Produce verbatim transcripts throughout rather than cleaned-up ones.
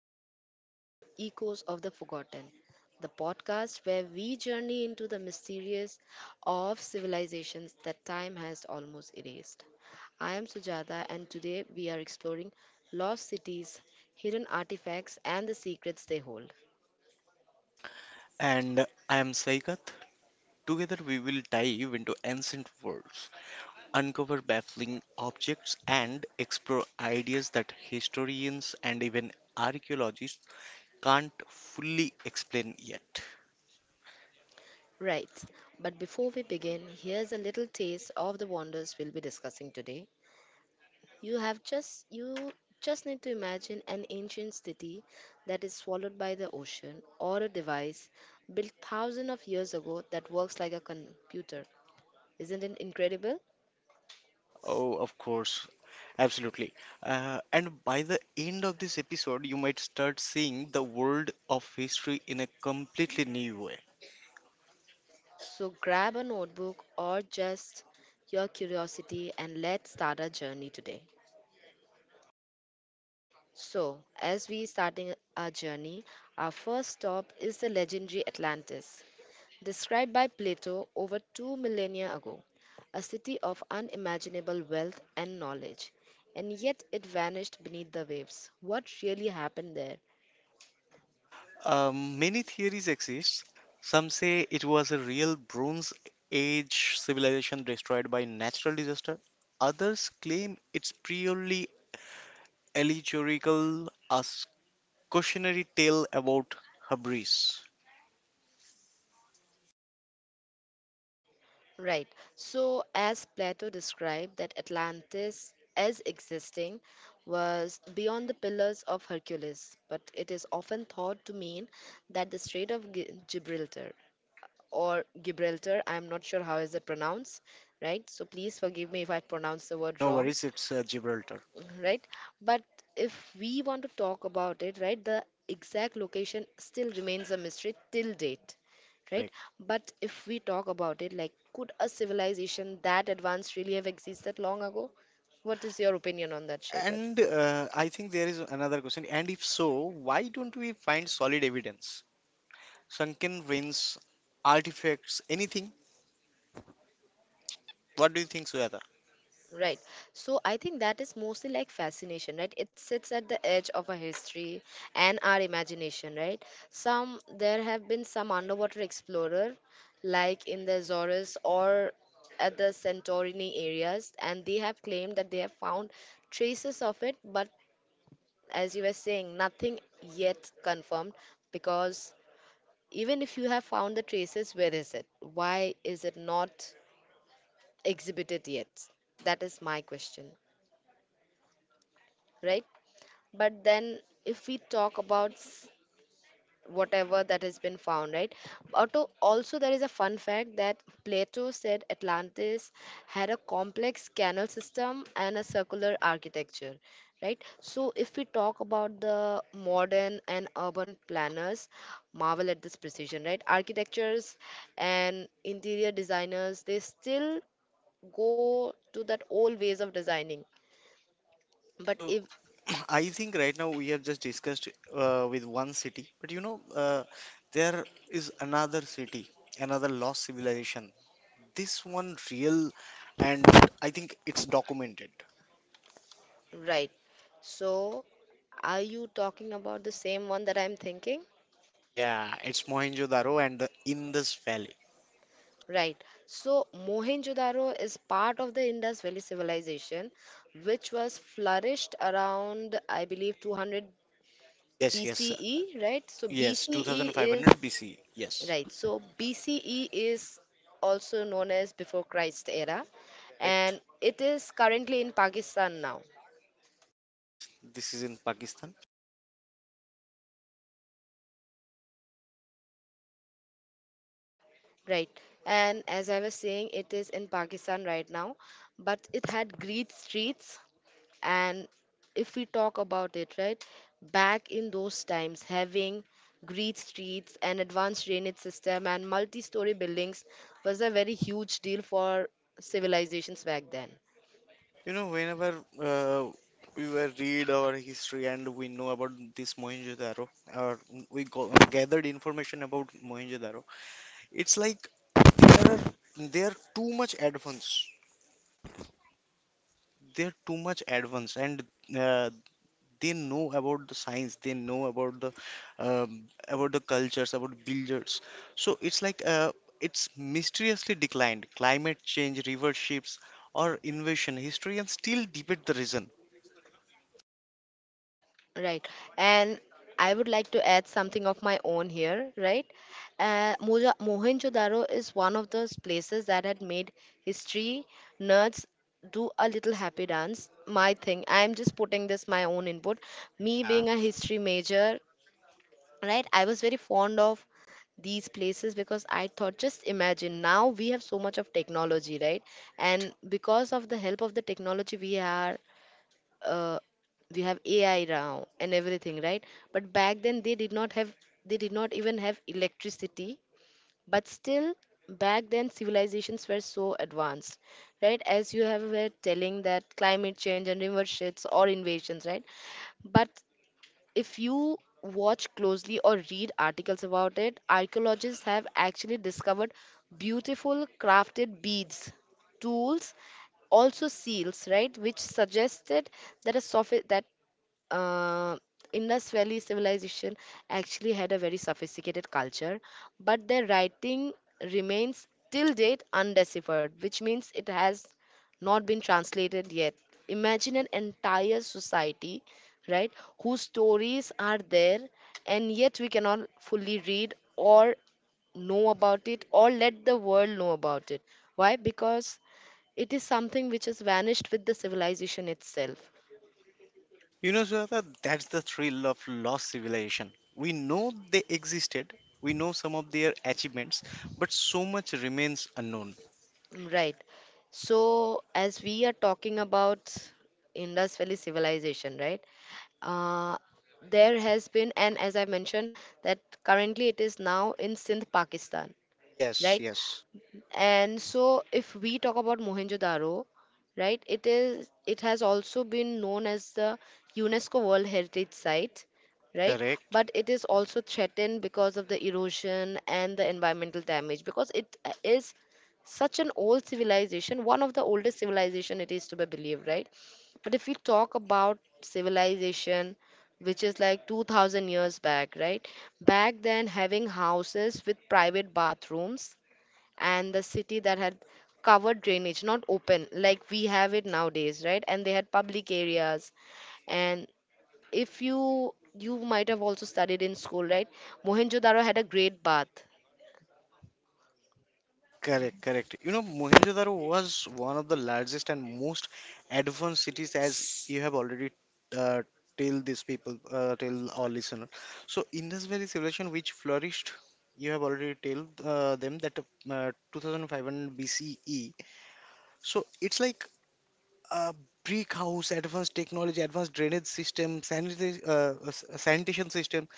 and welcome to Echoes of the Forgotten, the podcast where we journey into the mysterious of civilizations that time has almost erased. I am Sujata and today we are exploring lost cities, hidden artifacts and the secrets they hold. And I am Saikat. Together we will dive into ancient worlds, uncover baffling objects, and explore ideas that historians and even archaeologists can't fully explain yet. Right, but before we begin, here's a little taste of the wonders we'll be discussing today. You have just you just need to imagine an ancient city that is swallowed by the ocean, or a device built thousands of years ago that works like a computer. Isn't it incredible? Oh, of course, absolutely. Uh, and by the end of this episode, you might start seeing the world of history in a completely new way. So grab a notebook or just your curiosity, and let's start our journey today. So, as we starting our journey, our first stop is the legendary Atlantis, described by Plato over two millennia ago, a city of unimaginable wealth and knowledge, and yet it vanished beneath the waves. What really happened there? Um, many theories exist. Some say it was a real Bronze Age civilization destroyed by natural disaster. Others claim it's purely allegorical, a cautionary tale about Habris. Right. So, as Plato described, that Atlantis as existing was beyond the pillars of Hercules, but it is often thought to mean that the Strait of Gi- Gibraltar or Gibraltar, I'm not sure how is it pronounced, right? So please forgive me if I pronounce the word No wrong. worries, it's uh, Gibraltar. Right, but if we want to talk about it, right, the exact location still remains a mystery till date. Right, Correct. but if we talk about it, like, could a civilization that advanced really have existed long ago? What is your opinion on that, Shekhar? And uh, I think there is another question. And if so, why don't we find solid evidence? Sunken ruins, artifacts, anything? What do you think, Suyata? Right. So I think that is mostly like fascination, right? It sits at the edge of our history and our imagination, right? Some there have been some underwater explorer, like in the Azores or at the Santorini areas, and they have claimed that they have found traces of it, but as you were saying, nothing yet confirmed, because even if you have found the traces, where is it? Why is it not exhibited yet? That is my question, right? But then if we talk about s- whatever that has been found, right, Auto, also there is a fun fact that Plato said Atlantis had a complex canal system and a circular architecture, right? So if we talk about the modern and urban planners, marvel at this precision, right, architectures and interior designers, they still go to that old ways of designing. But So if I think right now we have just discussed uh, with one city, but you know, uh, there is another city, another lost civilization. This one real, and I think it's documented. Right. So, are you talking about the same one that I'm thinking? Yeah, it's Mohenjo-daro and the Indus Valley. Right. So, Mohenjo-daro is part of the Indus Valley civilization, which was flourished around, I believe, two hundred Yes, yes, sir. B C E, right? So, Yes, B C E is, twenty-five hundred B C. Yes, right. So, B C E is also known as before Christ era, and correct. it is currently in Pakistan now. Yes, this is in Pakistan. Right. And as I was saying, it is in Pakistan right now, but it had green streets. And if we talk about it, right, back in those times, having green streets and advanced drainage system and multi-story buildings was a very huge deal for civilizations back then. You know, whenever uh, we were read our history and we know about this Mohenjo-daro, or we go, gathered information about Mohenjo-daro, it's like there are they are too much advanced. They are too much advanced, and uh, they know about the science. They know about the um, about the cultures, about builders. So it's like uh, it's mysteriously declined. Climate change, river ships, or invasion. Historians still debate the reason. Right. And I would like to add something of my own here, right? Uh, Moja- Mohenjo-daro is one of those places that had made history nerds do a little happy dance. My thing. I'm just putting this my own input. Me Yeah. being a history major, right? I was very fond of these places because I thought, just imagine now we have so much of technology, right? Correct. And because of the help of the technology, we are uh, we have A I now and everything, right? But back then they did not have they did not even have electricity. But still back then civilizations were so advanced, right? As you have were telling that climate change and river shifts or invasions, right? But if you watch closely or read articles about it, archaeologists have actually discovered beautiful crafted beads, tools, also seals, right, which suggested that a sophi- that uh, Indus Valley civilization actually had a very sophisticated culture, but their writing remains till date undeciphered, which means it has not been translated yet. Imagine an entire society, right, whose stories are there, and yet we cannot fully read or know about it or let the world know about it. Why? Because it is something which has vanished with the civilization itself. You know, Sweta, that's the thrill of lost civilization. We know they existed, we know some of their achievements, but so much remains unknown. Mm, Right. So, as we are talking about Indus Valley civilization, right? Uh, there has been, and as I mentioned, that currently it is now in Sindh, Pakistan, Yes, right? yes. And so if we talk about Mohenjo-daro, right, it is it has also been known as the UNESCO World Heritage Site, right? Correct, But it is also threatened because of the erosion and the environmental damage, because it uh, is such an old civilization, one of the oldest civilization it is to be believed, right? But if we talk about civilization, which is like two thousand years back, right? Back then, having houses with private bathrooms and the city that had covered drainage, not open like we have it nowadays, right, and they had public areas, and if you, you might have also studied in school, right, Mohenjo-daro had a great bath. correct, correct. You know, Mohenjo-daro was one of the largest and most advanced cities, as you have already uh, tell these people, uh, tell our listener. So, in this very civilization which flourished, you have already told uh, them that uh, two thousand five hundred B C E. So it's like uh, brick house, advanced technology, advanced drainage system, sanita- uh, uh, s- uh, sanitation system.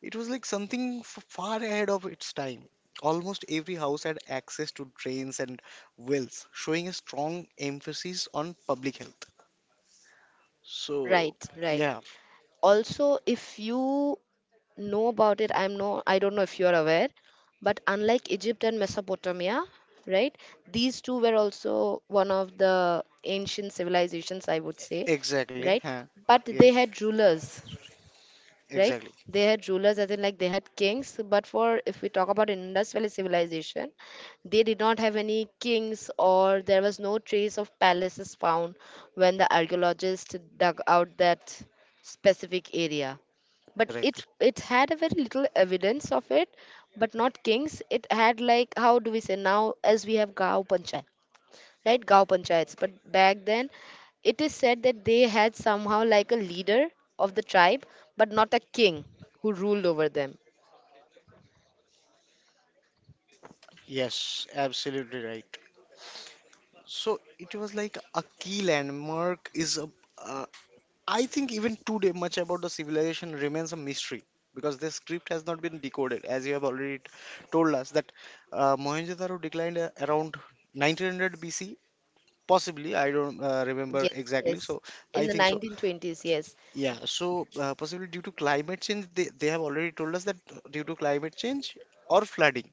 It was like something f- far ahead of its time. Almost every house had access to drains and wells, showing a strong emphasis on public health. So, Right, right. yeah, Also, if you know about it, I'm no, I don't know if you are aware, but unlike Egypt and Mesopotamia, right, these two were also one of the ancient civilizations, I would say, exactly. right, Huh? but Yeah, they had rulers, right? exactly. They had rulers, as in like they had kings. But for if we talk about Indus Valley civilization, they did not have any kings, or there was no trace of palaces found when the archaeologists dug out that specific area. But it Correct. it had a very little evidence of it, but not kings. It had, like, how do we say now, as we have Gao Panchayat, right, gaon panchayats, but back then it is said that they had somehow like a leader of the tribe, but not a king who ruled over them. Yes, absolutely right. So it was like a key landmark is a, uh, I think even today, much about the civilization remains a mystery because the script has not been decoded, as you have already t- told us that uh, Mohenjo-daro declined uh, around nineteen hundred B C. Possibly, I don't uh, remember Yes, exactly, yes, so I in the think so. nineteen twenties, yes. Yeah, so uh, possibly due to climate change, they, they have already told us that uh, due to climate change or flooding,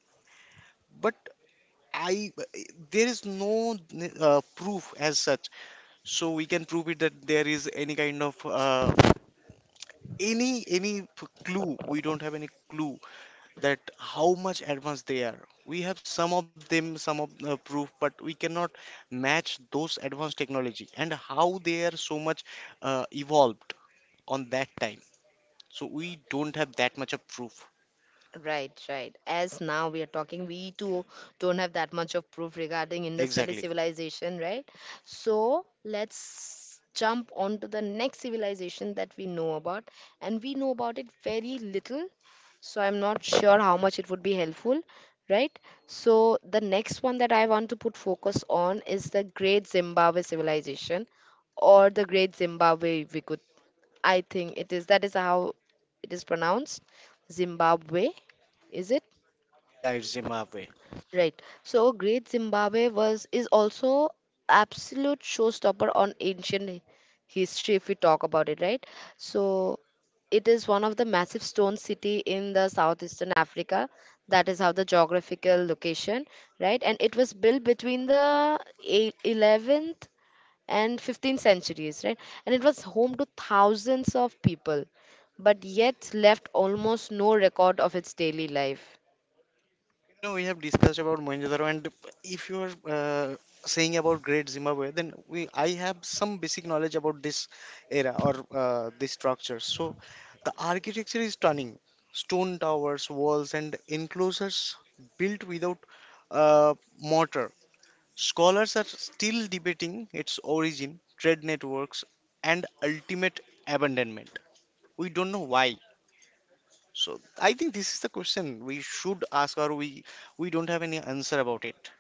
but I there is no uh, proof as such, so we can prove it that there is any kind of uh, any any p- clue. We don't have any clue that how much advanced they are. We have some of them some of the proof, but we cannot match those advanced technology and how they are so much uh, evolved on that time, so we don't have that much of proof. Right, right. As now we are talking, we too don't have that much of proof regarding Indus Valley Exactly. civilization, right? So let's jump on to the next civilization that we know about, and we know about it very little. So I'm not sure how much it would be helpful, right? So the next one that I want to put focus on is the Great Zimbabwe civilization, or the Great Zimbabwe, we could, I think it is. That is how it is pronounced. Zimbabwe, is it? Yeah, it's Zimbabwe. Right. So Great Zimbabwe was is also absolute showstopper on ancient hi- history if we talk about it, right? So it is one of the massive stone city in the southeastern Africa. That is how the geographical location, right? And it was built between the eight- eleventh and fifteenth centuries, right? And it was home to thousands of people, but yet left almost no record of its daily life. You know, we have discussed about Mohenjo-daro, and if you are uh, saying about Great Zimbabwe, then we I have some basic knowledge about this era or uh, this structure. So, the architecture is stunning: stone towers, walls, and enclosures built without uh, mortar. Scholars are still debating its origin, trade networks, and ultimate abandonment. We don't know why, so I think this is the question we should ask, or we we don't have any answer about it.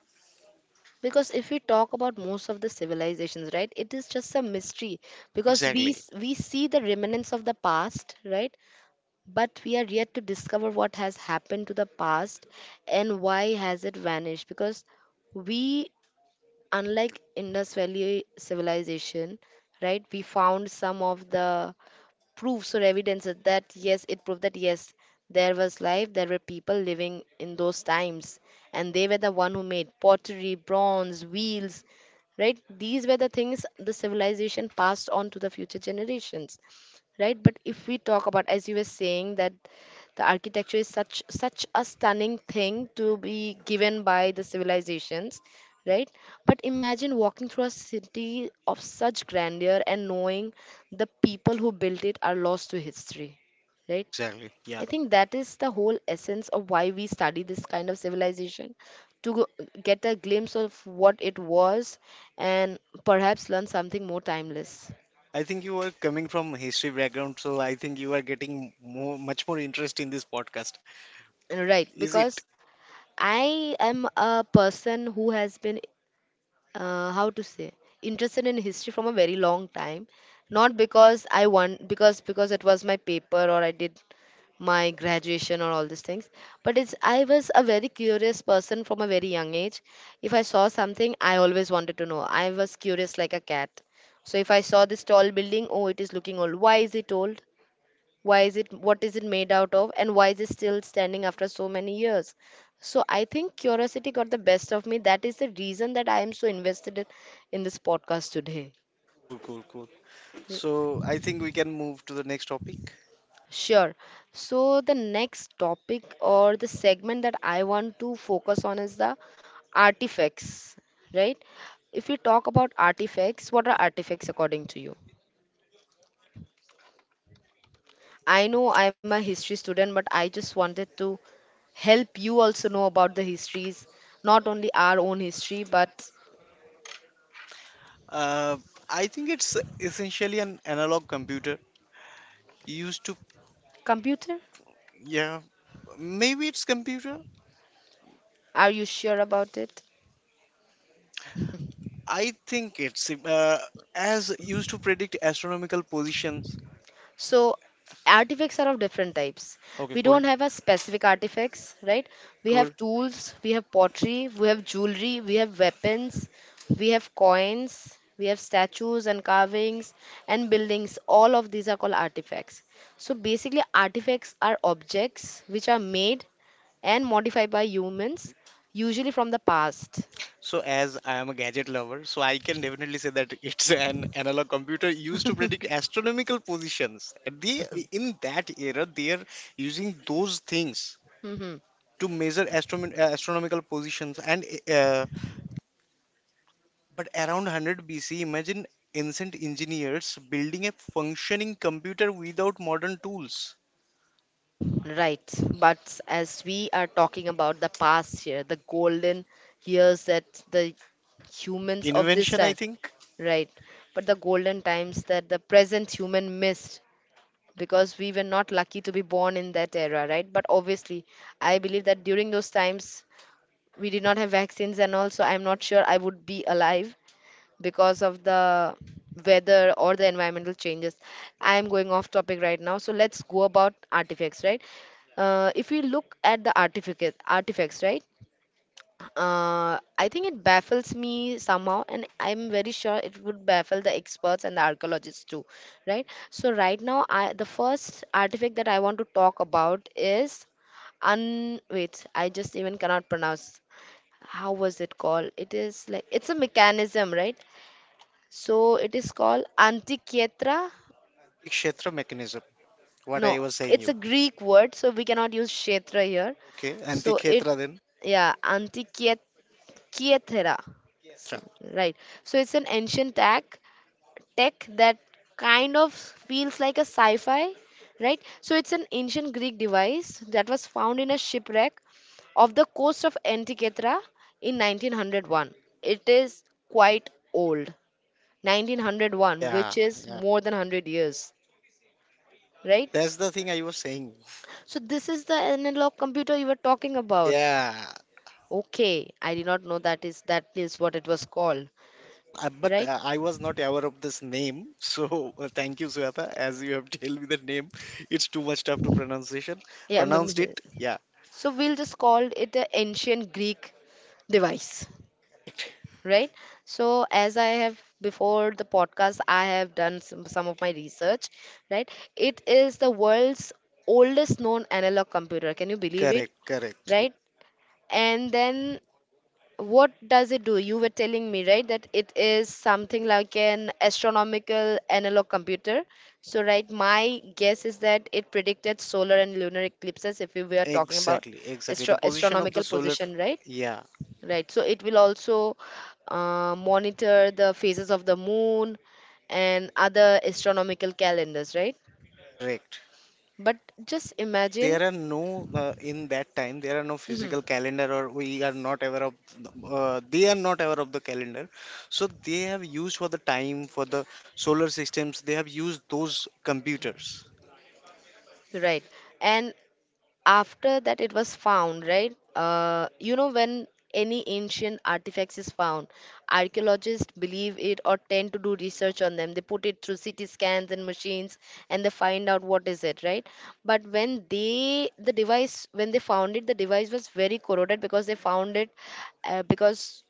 Because if we talk about most of the civilizations, right, it is just a mystery, because we Exactly, s- we see the remnants of the past, right? But we are yet to discover what has happened to the past and why has it vanished, because we, unlike Indus Valley civilization, right, we found some of the proofs or evidence that that, yes, it proved that yes, there was life, there were people living in those times, and they were the one who made pottery, bronze wheels, right, these were the things the civilization passed on to the future generations, right? But if we talk about, as you were saying, that the architecture is such such a stunning thing to be given by the civilizations, right? But imagine walking through a city of such grandeur and knowing the people who built it are lost to history, right? exactly. Yeah, I think that is the whole essence of why we study this kind of civilization, to go, get a glimpse of what it was, and perhaps learn something more timeless. I think you are coming from history background, so I think you are getting more, much more interest in this podcast. Right, Is it because I am a person who has been, uh, how to say, interested in history from a very long time. Not because I want, because because it was my paper or I did my graduation or all these things. But it's I was a very curious person from a very young age. If I saw something, I always wanted to know. I was curious like a cat. So if I saw this tall building, oh, it is looking old. Why is it old? Why is it, what is it made out of, and why is it still standing after so many years? So I think curiosity got the best of me, that is the reason that I am so invested in in this podcast today. cool, cool, cool? So I think we can move to the next topic. Sure. So the next topic or the segment that I want to focus on is the artifacts, right? If we talk about artifacts, what are artifacts according to you? I know I'm a history student, but I just wanted to help you also know about the histories, not only our own history, but Uh, I think it's essentially an analog computer used to. computer. Yeah, maybe it's computer. Are you sure about it? I think it's uh, as used to predict astronomical positions. So, artifacts are of different types. Okay, We cool. don't have a specific artifacts, right? We Cool. have tools, we have pottery, we have jewelry, we have weapons, we have coins, we have statues and carvings and buildings. All of these are called artifacts. So, basically, artifacts are objects which are made and modified by humans, usually from the past. So, as I am a gadget lover, so I can definitely say that it's an analog computer used to predict astronomical positions. At the In that era, they are using those things hmm to measure astronom- uh, astronomical positions. And uh, but around one hundred B C, imagine ancient engineers building a functioning computer without modern tools. Right. But as we are talking about the past here, the golden years that the humans of this Invention, I time, think. right? But the golden times that the present human missed because we were not lucky to be born in that era, right? But obviously, I believe that during those times, we did not have vaccines, and also I'm not sure I would be alive because of the weather or the environmental changes. I am going off topic right now, so let's go about artifacts, right? Yeah, Uh, if we look at the artifact, artifacts, right? Uh, I think it baffles me somehow, and I'm very sure it would baffle the experts and the archaeologists too, right? So right now, I the first artifact that I want to talk about is un wait, I just even cannot pronounce how was it called. It is like it's a mechanism, right? So it is called Antikyetra. Antikshetra mechanism. What No, I was saying it's a you. Greek word, so we cannot use Kshetra here. Okay, So it, Antikshetra then. yeah, Antikyetra. Ketra. Right. So it's an ancient tech, tech that kind of feels like a sci-fi, right? So it's an ancient Greek device that was found in a shipwreck of the coast of Antikythera in nineteen oh one. It is quite old, nineteen oh one, Yeah, which is yeah. more than one hundred years. Right? That's the thing I was saying. So this is the analog computer you were talking about. Yeah. Okay, I did not know that is that is what it was called, So, uh, but right? uh, I was not aware of this name. So uh, thank you, Suyata, as you have told me the name. It's too much tough to pronunciation. Yeah, mem- Pronounced it. Yeah. so we'll just call it an ancient Greek device, Correct. right? So as I have before the podcast, I have done some, some of my research, right? It is the world's oldest known analog computer. Can you believe it? Correct. Correct. Right. And then what does it do? You were telling me, right, that it is something like an astronomical analog computer. So, right, my guess is that it predicted solar and lunar eclipses if we were talking about Exactly. Exactly. The astro- position of the astronomical solar. position, right? Yeah. Right. So, it will also uh, monitor the phases of the moon and other astronomical calendars, right? Correct. But just As imagine. there are no uh, In that time there are no Mhm. physical calendar, or we are not aware of the- uh, they are not aware of the calendar, so they have used for the time for the solar systems they have used those computers. Right? And after that it was found, right? Uh, you know, when any ancient artifacts is found, archaeologists believe it or tend to do research on them. They put it through CT scans and machines and they find out what is it, right? But when they the device when they found it, the device was very corroded because they found it, uh, because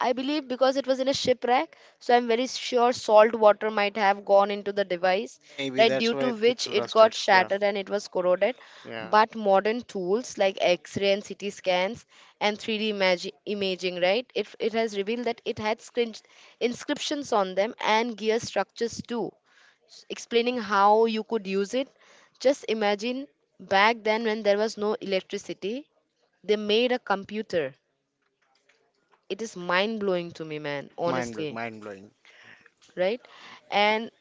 I believe because it was in a shipwreck, so I'm very sure salt water might have gone into the device, Maybe right? Due that's to why which it's it got rusted. Yeah, shattered and it was corroded. yeah. But modern tools like X-ray and C T scans and three D imagi- imaging, right? It, it has revealed that it had scrin- inscriptions on them and gear structures too, s- explaining how you could use it. Just imagine back then when there was no electricity, they made a computer. It is mind blowing to me, man, It's mind blowing, honestly. mind blowing. Right? And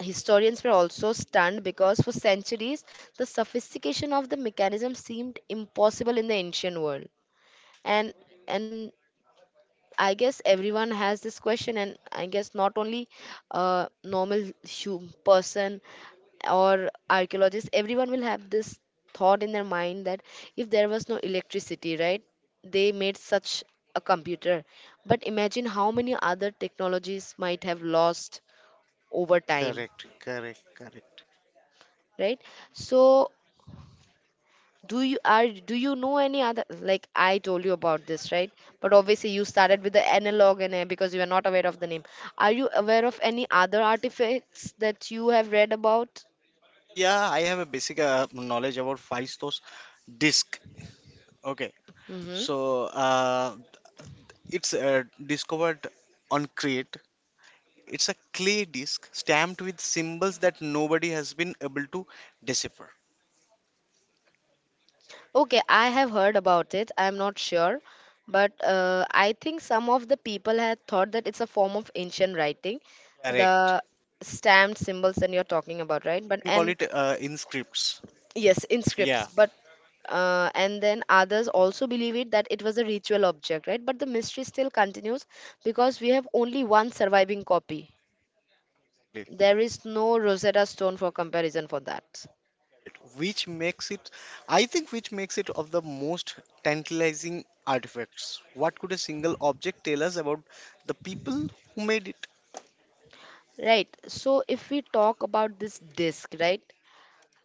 historians were also stunned because for centuries the sophistication of the mechanism seemed impossible in the ancient world. And and I guess everyone has this question, and I guess not only a normal hu- person or archaeologists, everyone will have this thought in their mind that if there was no electricity, right? They made such a computer. But imagine how many other technologies might have lost over time, Correct, correct, correct. right? So do you are do you know any other, like I told you about this, right? But obviously you started with the analog and uh, because you are not aware of the name, are you aware of any other artifacts that you have read about? Yeah, I have a basic uh, knowledge about Feistos disk. Okay. Mm-hmm. So uh, it's uh, discovered on Crete. It's a clay disc stamped with symbols that nobody has been able to decipher. Okay, I have heard about it. I'm not sure, but uh, I think some of the people had thought that it's a form of ancient writing, Correct. the stamped symbols that you're talking about, right You but can call and it uh, inscripts. Yes, in Yeah, scripts, but uh, and then others also believe it that it was a ritual object, right? But the mystery still continues because we have only one surviving copy. exactly. There is no Rosetta Stone for comparison for that, Correct, which makes it, I think, which makes it of the most tantalizing artifacts. What could a single object tell us about the people who made it? right? So if we talk about this disc, right?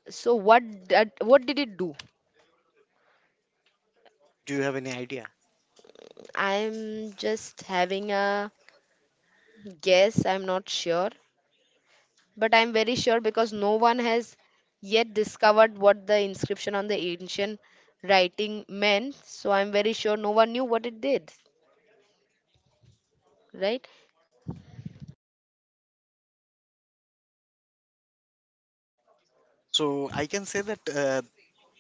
So what did, what did it do? Do you have any idea? I'm just having a guess. I'm not sure. But I'm very sure because no one has yet discovered what the inscription on the ancient writing meant. So I'm very sure no one knew what it did, right? So I can say that uh,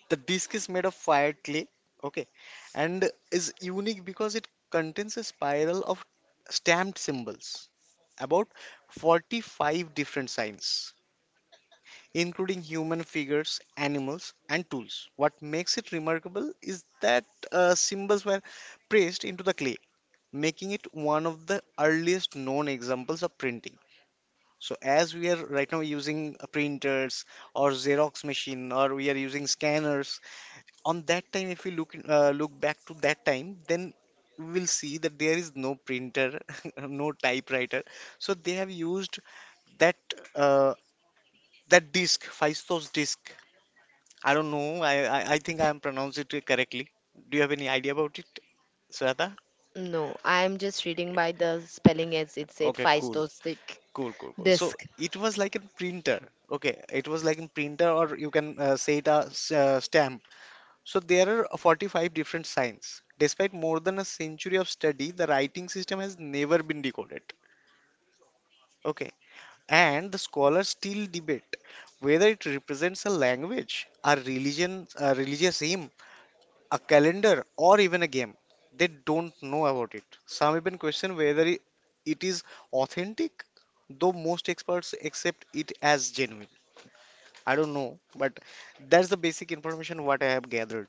the disc is made of fired clay, okay, and is unique because it contains a spiral of stamped symbols, about forty-five different signs, including human figures, animals, and tools. What makes it remarkable is that uh, symbols were pressed into the clay, making it one of the earliest known examples of printing. So, as we are right now using uh, printers or Xerox machine, or we are using scanners, on that time if we look in- uh, look back to that time, then we will see that there is no printer no typewriter, so they have used that uh, that disk, Fistos disk. I don't know. I, I I think I am pronounced it correctly. Do you have any idea about it, Sweta? No, I'm just reading by the spelling as it said Okay, cool, Phaistostic cool, cool, cool. So disc. it was like a printer. Okay, it was like a printer, or you can uh, say it a s- uh, stamp. So there are forty-five different signs. Despite more than a century of study, the writing system has never been decoded. Okay. And the scholars still debate whether it represents a language, a religion, a religious hymn, a calendar, or even a game. They don't know about it. Some even question whether i- it is authentic, though most experts accept it as genuine. I don't know, but that's the basic information what I have gathered.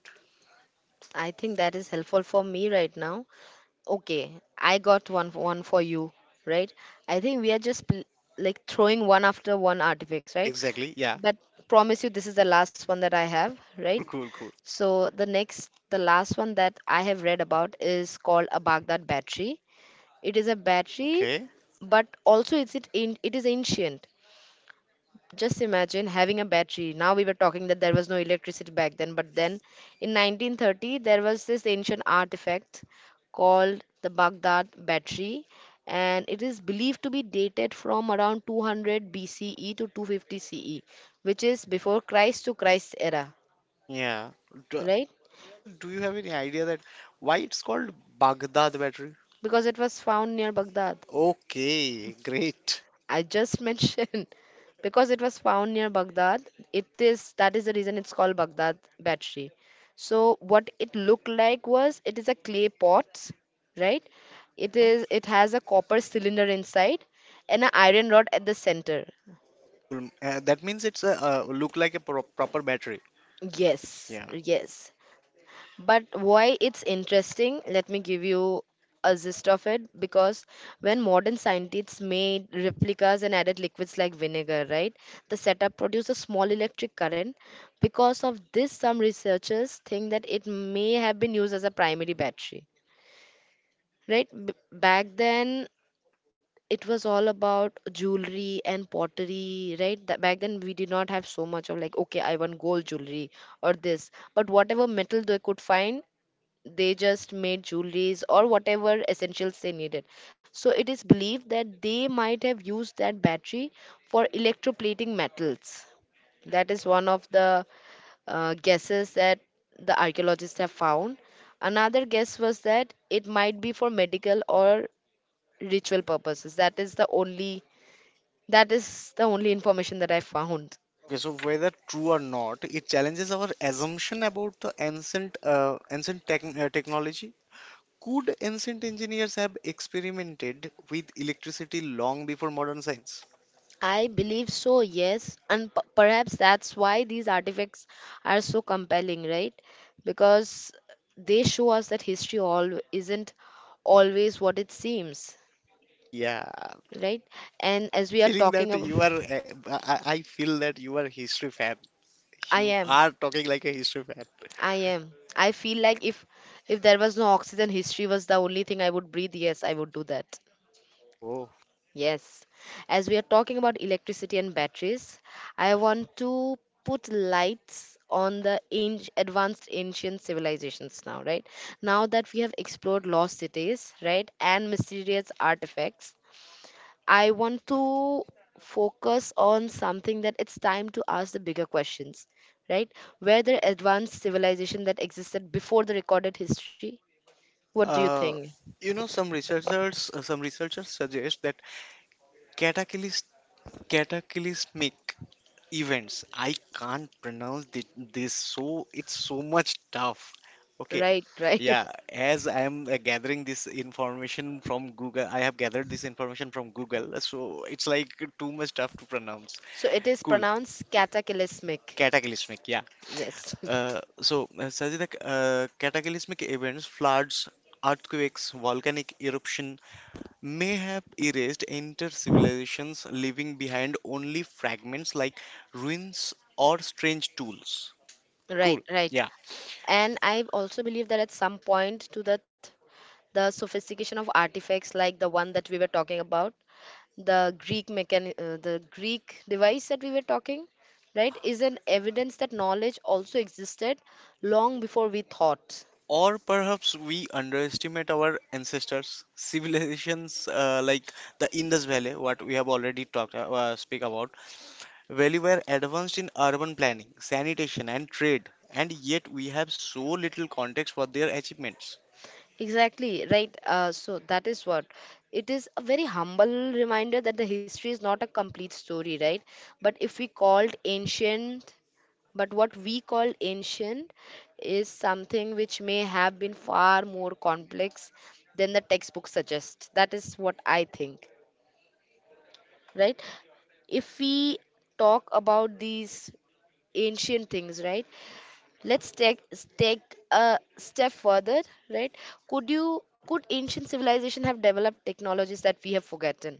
I think that is helpful for me right now. Okay, I got one one for you, right? I think we are just pl- like throwing one after one artifacts, right? Exactly. Yeah. But promise you this is the last one that I have, right? Cool, cool, cool. So the next, the last one that I have read about is called a Baghdad battery. It is a battery, Okay. but also it's it in, it is ancient. Just imagine having a battery. Now we were talking that there was no electricity back then, but then in nineteen thirty there was this ancient artifact called the Baghdad battery, and it is believed to be dated from around two hundred B C E to two fifty C E, which is before Christ to Christ era, Yeah. Do, right? Rather, do you have any idea that why it's called Baghdad battery? Because it was found near Baghdad. Okay. Great. I just mentioned because it was found near Baghdad. It is That is the reason it's called Baghdad battery. So what it looked like was it is a clay pot, right? It Yeah. is it has a copper cylinder inside and an iron rod at the center. Okay. Cool. Uh, that means it's a uh, look like a pro- proper battery. Yes, Yeah. yes. But why it's interesting, let me give you a gist of it, because when modern scientists made replicas and added liquids like vinegar, right, the setup produced a small electric current. Because of this, some researchers think that it may have been used as a primary battery, right? B- back then, it was all about jewelry and pottery, right? That back then, we did not have so much of like, okay, I want gold jewelry or this, but whatever metal they could find, they just made jewelries or whatever essentials they needed. So it is believed that they might have used that battery for electroplating metals. That is one of the uh, guesses that the archaeologists have found. Another guess was that it might be for medical or ritual purposes. That is the only that is the only information that I found. Okay. So whether true or not, it challenges our assumption about the ancient uh, ancient tech- uh, technology. Could ancient engineers have experimented with electricity long before modern science? I believe so, yes. And p- perhaps that's why these artifacts are so compelling, right? Because they show us that history all isn't always what it seems, Yeah, right? And I as am we are feeling talking that about, you are. uh, I I- I feel that you are history fan. I You am, are talking like a history fan. I am. I feel like if if there was no oxygen, history was the only thing I would breathe. Yes, I would do that. Oh, Yes, as we are talking about electricity and batteries, I want to put lights on the an- advanced ancient civilizations now, right? Now that we have explored lost cities, right, and mysterious artifacts, I want to focus on something that it's time to ask the bigger questions, right? Were there advanced civilization that existed before the recorded history? What do you Uh, think? you know, some researchers uh, some researchers suggest that cataclysmic cataclysmic events. I can't pronounce thi- this, so it's so much tough. Okay, Right, right. yeah. As I am uh, gathering this information from Google, I have gathered this information from Google, so it's like too much tough to pronounce. So it is Cool, pronounced cataclysmic. cataclysmic. Yeah. Yes, Uh, so, uh, Sajida, uh, cataclysmic events, floods, earthquakes, volcanic eruption may have erased entire civilizations, leaving behind only fragments like ruins or strange tools. Cool. right, right. Yeah. And I also believe that at some point to that the sophistication of artifacts like the one that we were talking about, the Greek mechan uh, the Greek device that we were talking, right, is an evidence that knowledge also existed long before we thought. Or perhaps we underestimate our ancestors, civilizations uh, like the Indus Valley, what we have already talked uh, speak about. Well, we are advanced in urban planning, sanitation, and trade, and yet we have so little context for their achievements. Exactly, right. Uh, so that is what, it is a very humble reminder that the history is not a complete story, right? But if we called ancient But what we call ancient is something which may have been far more complex than the textbook suggests. That is what I think, right? If we talk about these ancient things, right? Let's take take a step further, right? Could you could ancient civilization have developed technologies that we have forgotten?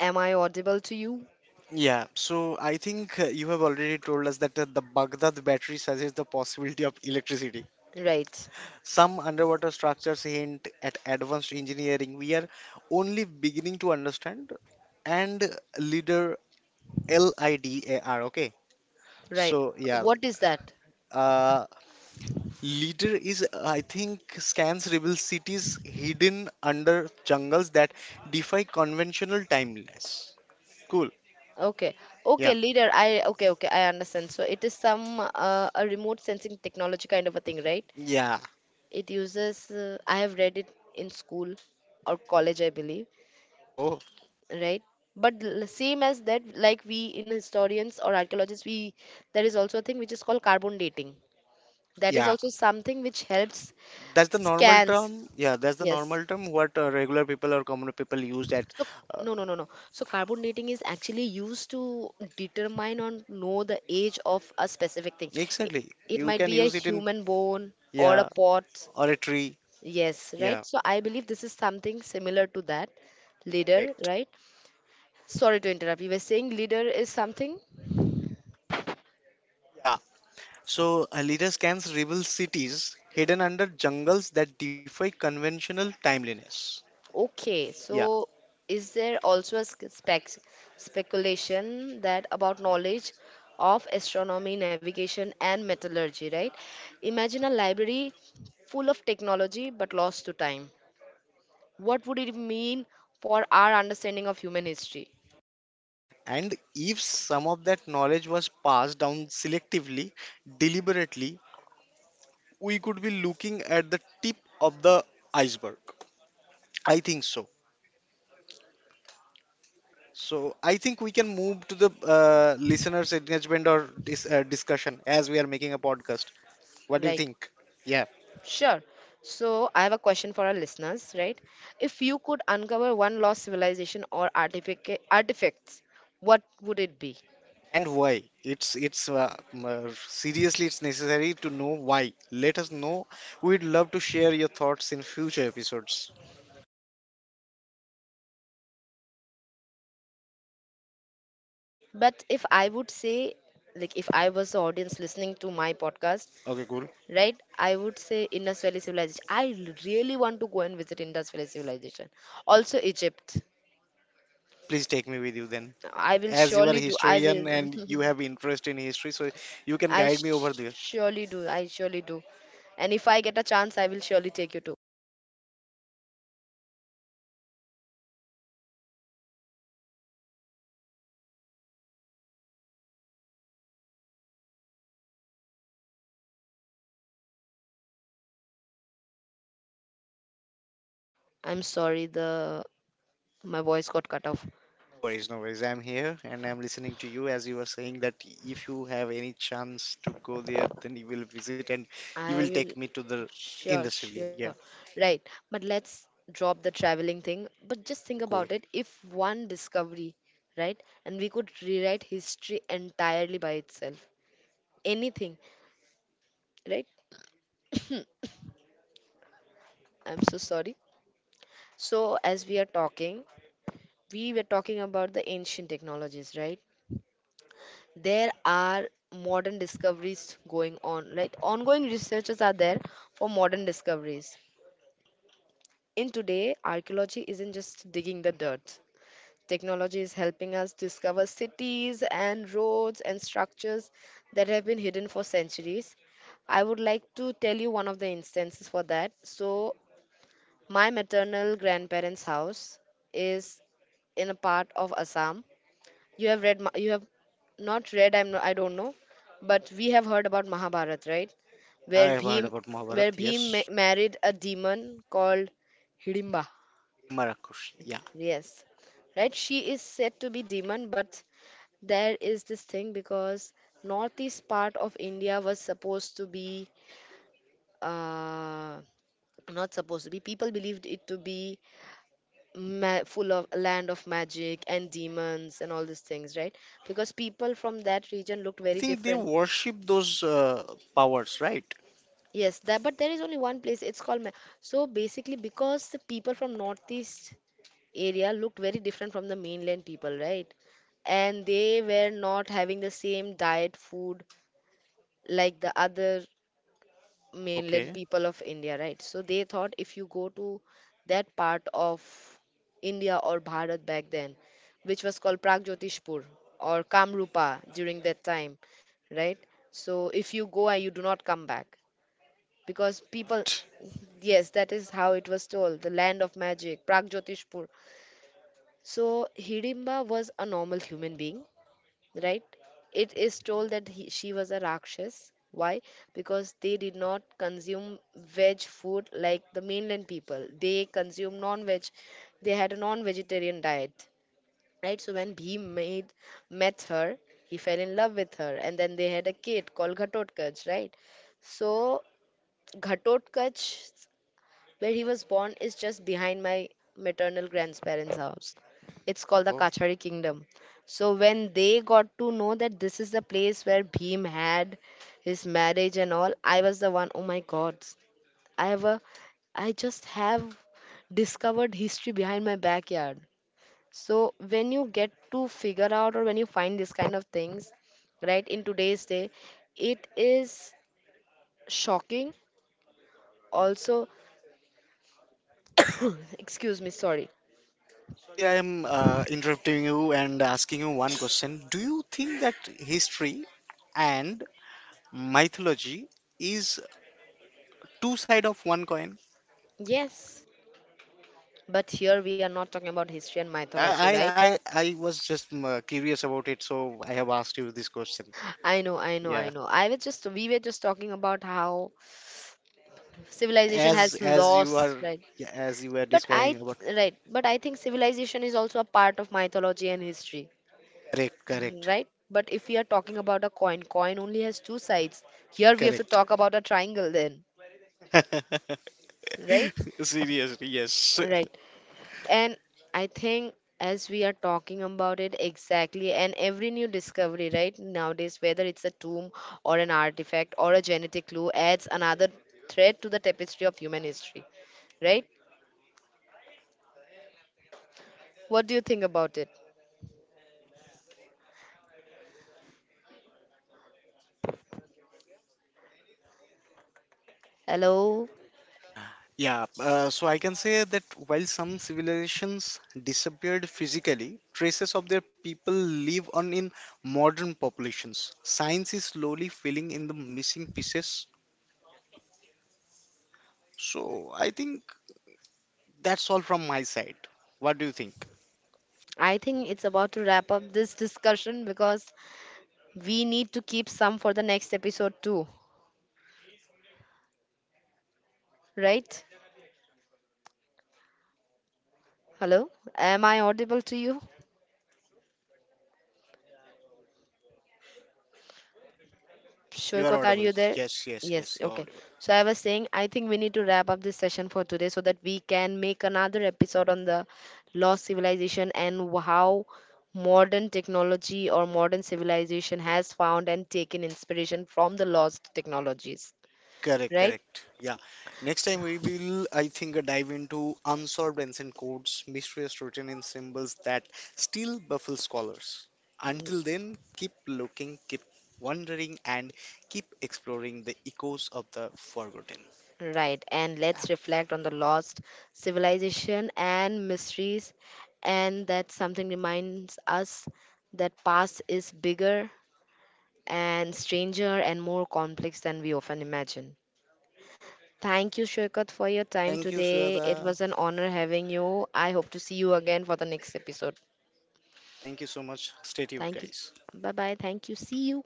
Am I audible to you? Yeah, so I think uh, you have already told us that uh, the Baghdad battery suggests the possibility of electricity. Right. Some underwater structures hint at advanced engineering. We are only beginning to understand and leader LIDAR. Okay, Right. so yeah, What is that? uh, Leader is, I think, scans rebel cities hidden under jungles that defy conventional timelines. Cool. Okay, Yeah. okay, leader. I okay, okay, I understand. So it is some uh, a remote sensing technology kind of a thing, right? Yeah. It uses. Uh, I have read it in school or college, I believe, Oh, right? But l- same as that, like we in historians or archaeologists, we there is also a thing which is called carbon dating. That is yeah. also something which helps That's the normal scans. term. Yeah, that's the Yes. normal term what uh, regular people or common people use at. So Uh, no, no, no, no. So carbon dating is actually used to determine or know the age of a specific thing. It, exactly. it You might can be a use it in, human bone or a yeah, pot. or a tree. Yes, right. Yeah, So I believe this is something similar to that. Leader, correct. right? Sorry to interrupt. You were saying leader is something? Yeah. So a leader scans rebel cities hidden under jungles that defy conventional timeliness. Okay, Yeah. so is there also a sc- spec speculation that about knowledge of astronomy, navigation, and metallurgy, right? Imagine a library full of technology but lost to time. What would it mean for our understanding of human history, And if some of that knowledge was passed down selectively, deliberately, we could be looking at the tip of the iceberg. I think so. So I think we can move to the uh, listeners' engagement or dis- uh, discussion as we are making a podcast. What do you right? think? Yeah, Sure. So I have a question for our listeners, right? If you could uncover one lost civilization or artifact artifacts, what would it be? and why? It's it's uh, m- uh, seriously, it's necessary to know why. Let us know. We'd love to share your thoughts in future episodes. But if I would say, like, if I was the audience listening to my podcast, Okay, cool. right, I would say Indus Valley Civilization. I really want to go and visit Indus Valley Civilization. Also, Egypt. Please take me with you then. I will As you are surely do. I historian will. and you have interest in history, so you can I guide sh- me over there. surely do. I surely do. And if I get a chance, I will surely take you too. I'm sorry, the my voice got cut off. No worries, no worries. I'm here and I'm listening to you, as you were saying that if you have any chance to go there then you will visit and you will I take me will to the in the sure, civilian. sure. Yeah. Right. But let's drop the traveling thing. But just think Okay, cool. about it. If one discovery, right? And we could rewrite history entirely by itself. Anything, right? I'm so sorry. So as we are talking, we were talking about the ancient technologies, right? There are modern discoveries going on, right? Ongoing researchers are there for modern discoveries. In today, archaeology isn't just digging the dirt. Technology is helping us discover cities and roads and structures that have been hidden for centuries. I would like to tell you one of the instances for that. So, my maternal grandparents' house is in a part of Assam. You have read, Ma- you have not read, I'm, no- I don't know, but we have heard about Mahabharat, right? Yeah, I Where have heard Bhim, about where Mahabharat, yes. Bhim ma- married a demon called Hidimba. Hidimba Rakush, yeah. Yes, right? She is said to be demon, but there is this thing because northeast part of India was supposed to be uh not supposed to be, people believed it to be ma- full of land of magic and demons and all these things, right? Because people from that region looked I very think they different. worship those uh, powers, right. Yes, that, but there is only one place, it's called Ma- so basically, because the people from northeast area looked very different from the mainland people, right? And they were not having the same diet food like the other mainland Okay. people of India, right? So they thought if you go to that part of India or Bharat back then, which was called Pragjotishpur or Kamrupa during that time, right? So if you go and you do not come back, because people, What? yes, that is how it was told, the land of magic, Pragjotishpur. So Hidimba was a normal human being, right? It is told that he, she was a Rakshas. Why? Because they did not consume veg food like the mainland people. They consume non-veg. They had a non-vegetarian diet, right? So when Bhim made, met her, he fell in love with her, and then they had a kid called Ghatotkacha, right? So Ghatotkacha, where he was born, is just behind my maternal grandparents' house. It's called the Oh. Kachari Kingdom. So when they got to know that this is the place where Bhim had his marriage and all, I was the one, oh my god, I have a I just have discovered history behind my backyard. So when you get to figure out or when you find this kind of things, right, in today's day, it is shocking. Also, excuse me, sorry. Sorry, I am uh, interrupting you and asking you one question. Do you think that history and mythology is two side of one coin? Yes, but here we are not talking about history and Yeah, mythology, I right? I, I was just um, uh, curious about it, so I have asked you this question. I know, I know, I Yeah, know. I was just we were just talking about how yeah. civilization As has as you lost, are right? yeah, as you were But I describing about th- right, but I think civilization is also a part of mythology and history, correct, mm, correct. right? But if Yeah, we are talking about a coin, coin only has two sides. Here we have to correct. talk about a triangle then, right? Seriously, yes. Right. And I think as we are talking about it exactly, and every new discovery, right, nowadays, whether it's a tomb or an artifact or a genetic clue, adds another thread to the tapestry of human history, right? What do you think about it? Hello? Yeah, uh, so I can say that while some civilizations disappeared physically, traces of their people live on in modern populations. Science is slowly filling in the missing pieces. So I think that's all from my side. What do you think? I think it's about to wrap up this discussion because we need to keep some for the next episode too, right? Hello? Am I audible to you? You are Shoykot, are audible. you there? Yes, yes, yes, Yes, you are okay. audible. So I was saying, I think we need to wrap up this session for today so that we can make another episode on the lost civilization and w- how modern technology or modern civilization has found and taken inspiration from the lost technologies, Correct, right? correct. Yeah. Next time we So, will, I think, uh, dive into unsolved ancient codes, mysteries written in symbols that still baffle scholars. Until then, keep looking, keep wondering, and keep exploring the echoes of the forgotten. right, and Yeah, let's reflect on the lost civilization and mysteries, and that something reminds us that past is bigger and stranger and more complex than we often imagine. yeah. Thank you, Shokat, for your time Thank you, today. It Suyada. was an honor having you. I hope to see you again for the next episode. Thank you so much. Stay tuned, Thank you. guys. Bye bye. Thank you. See you.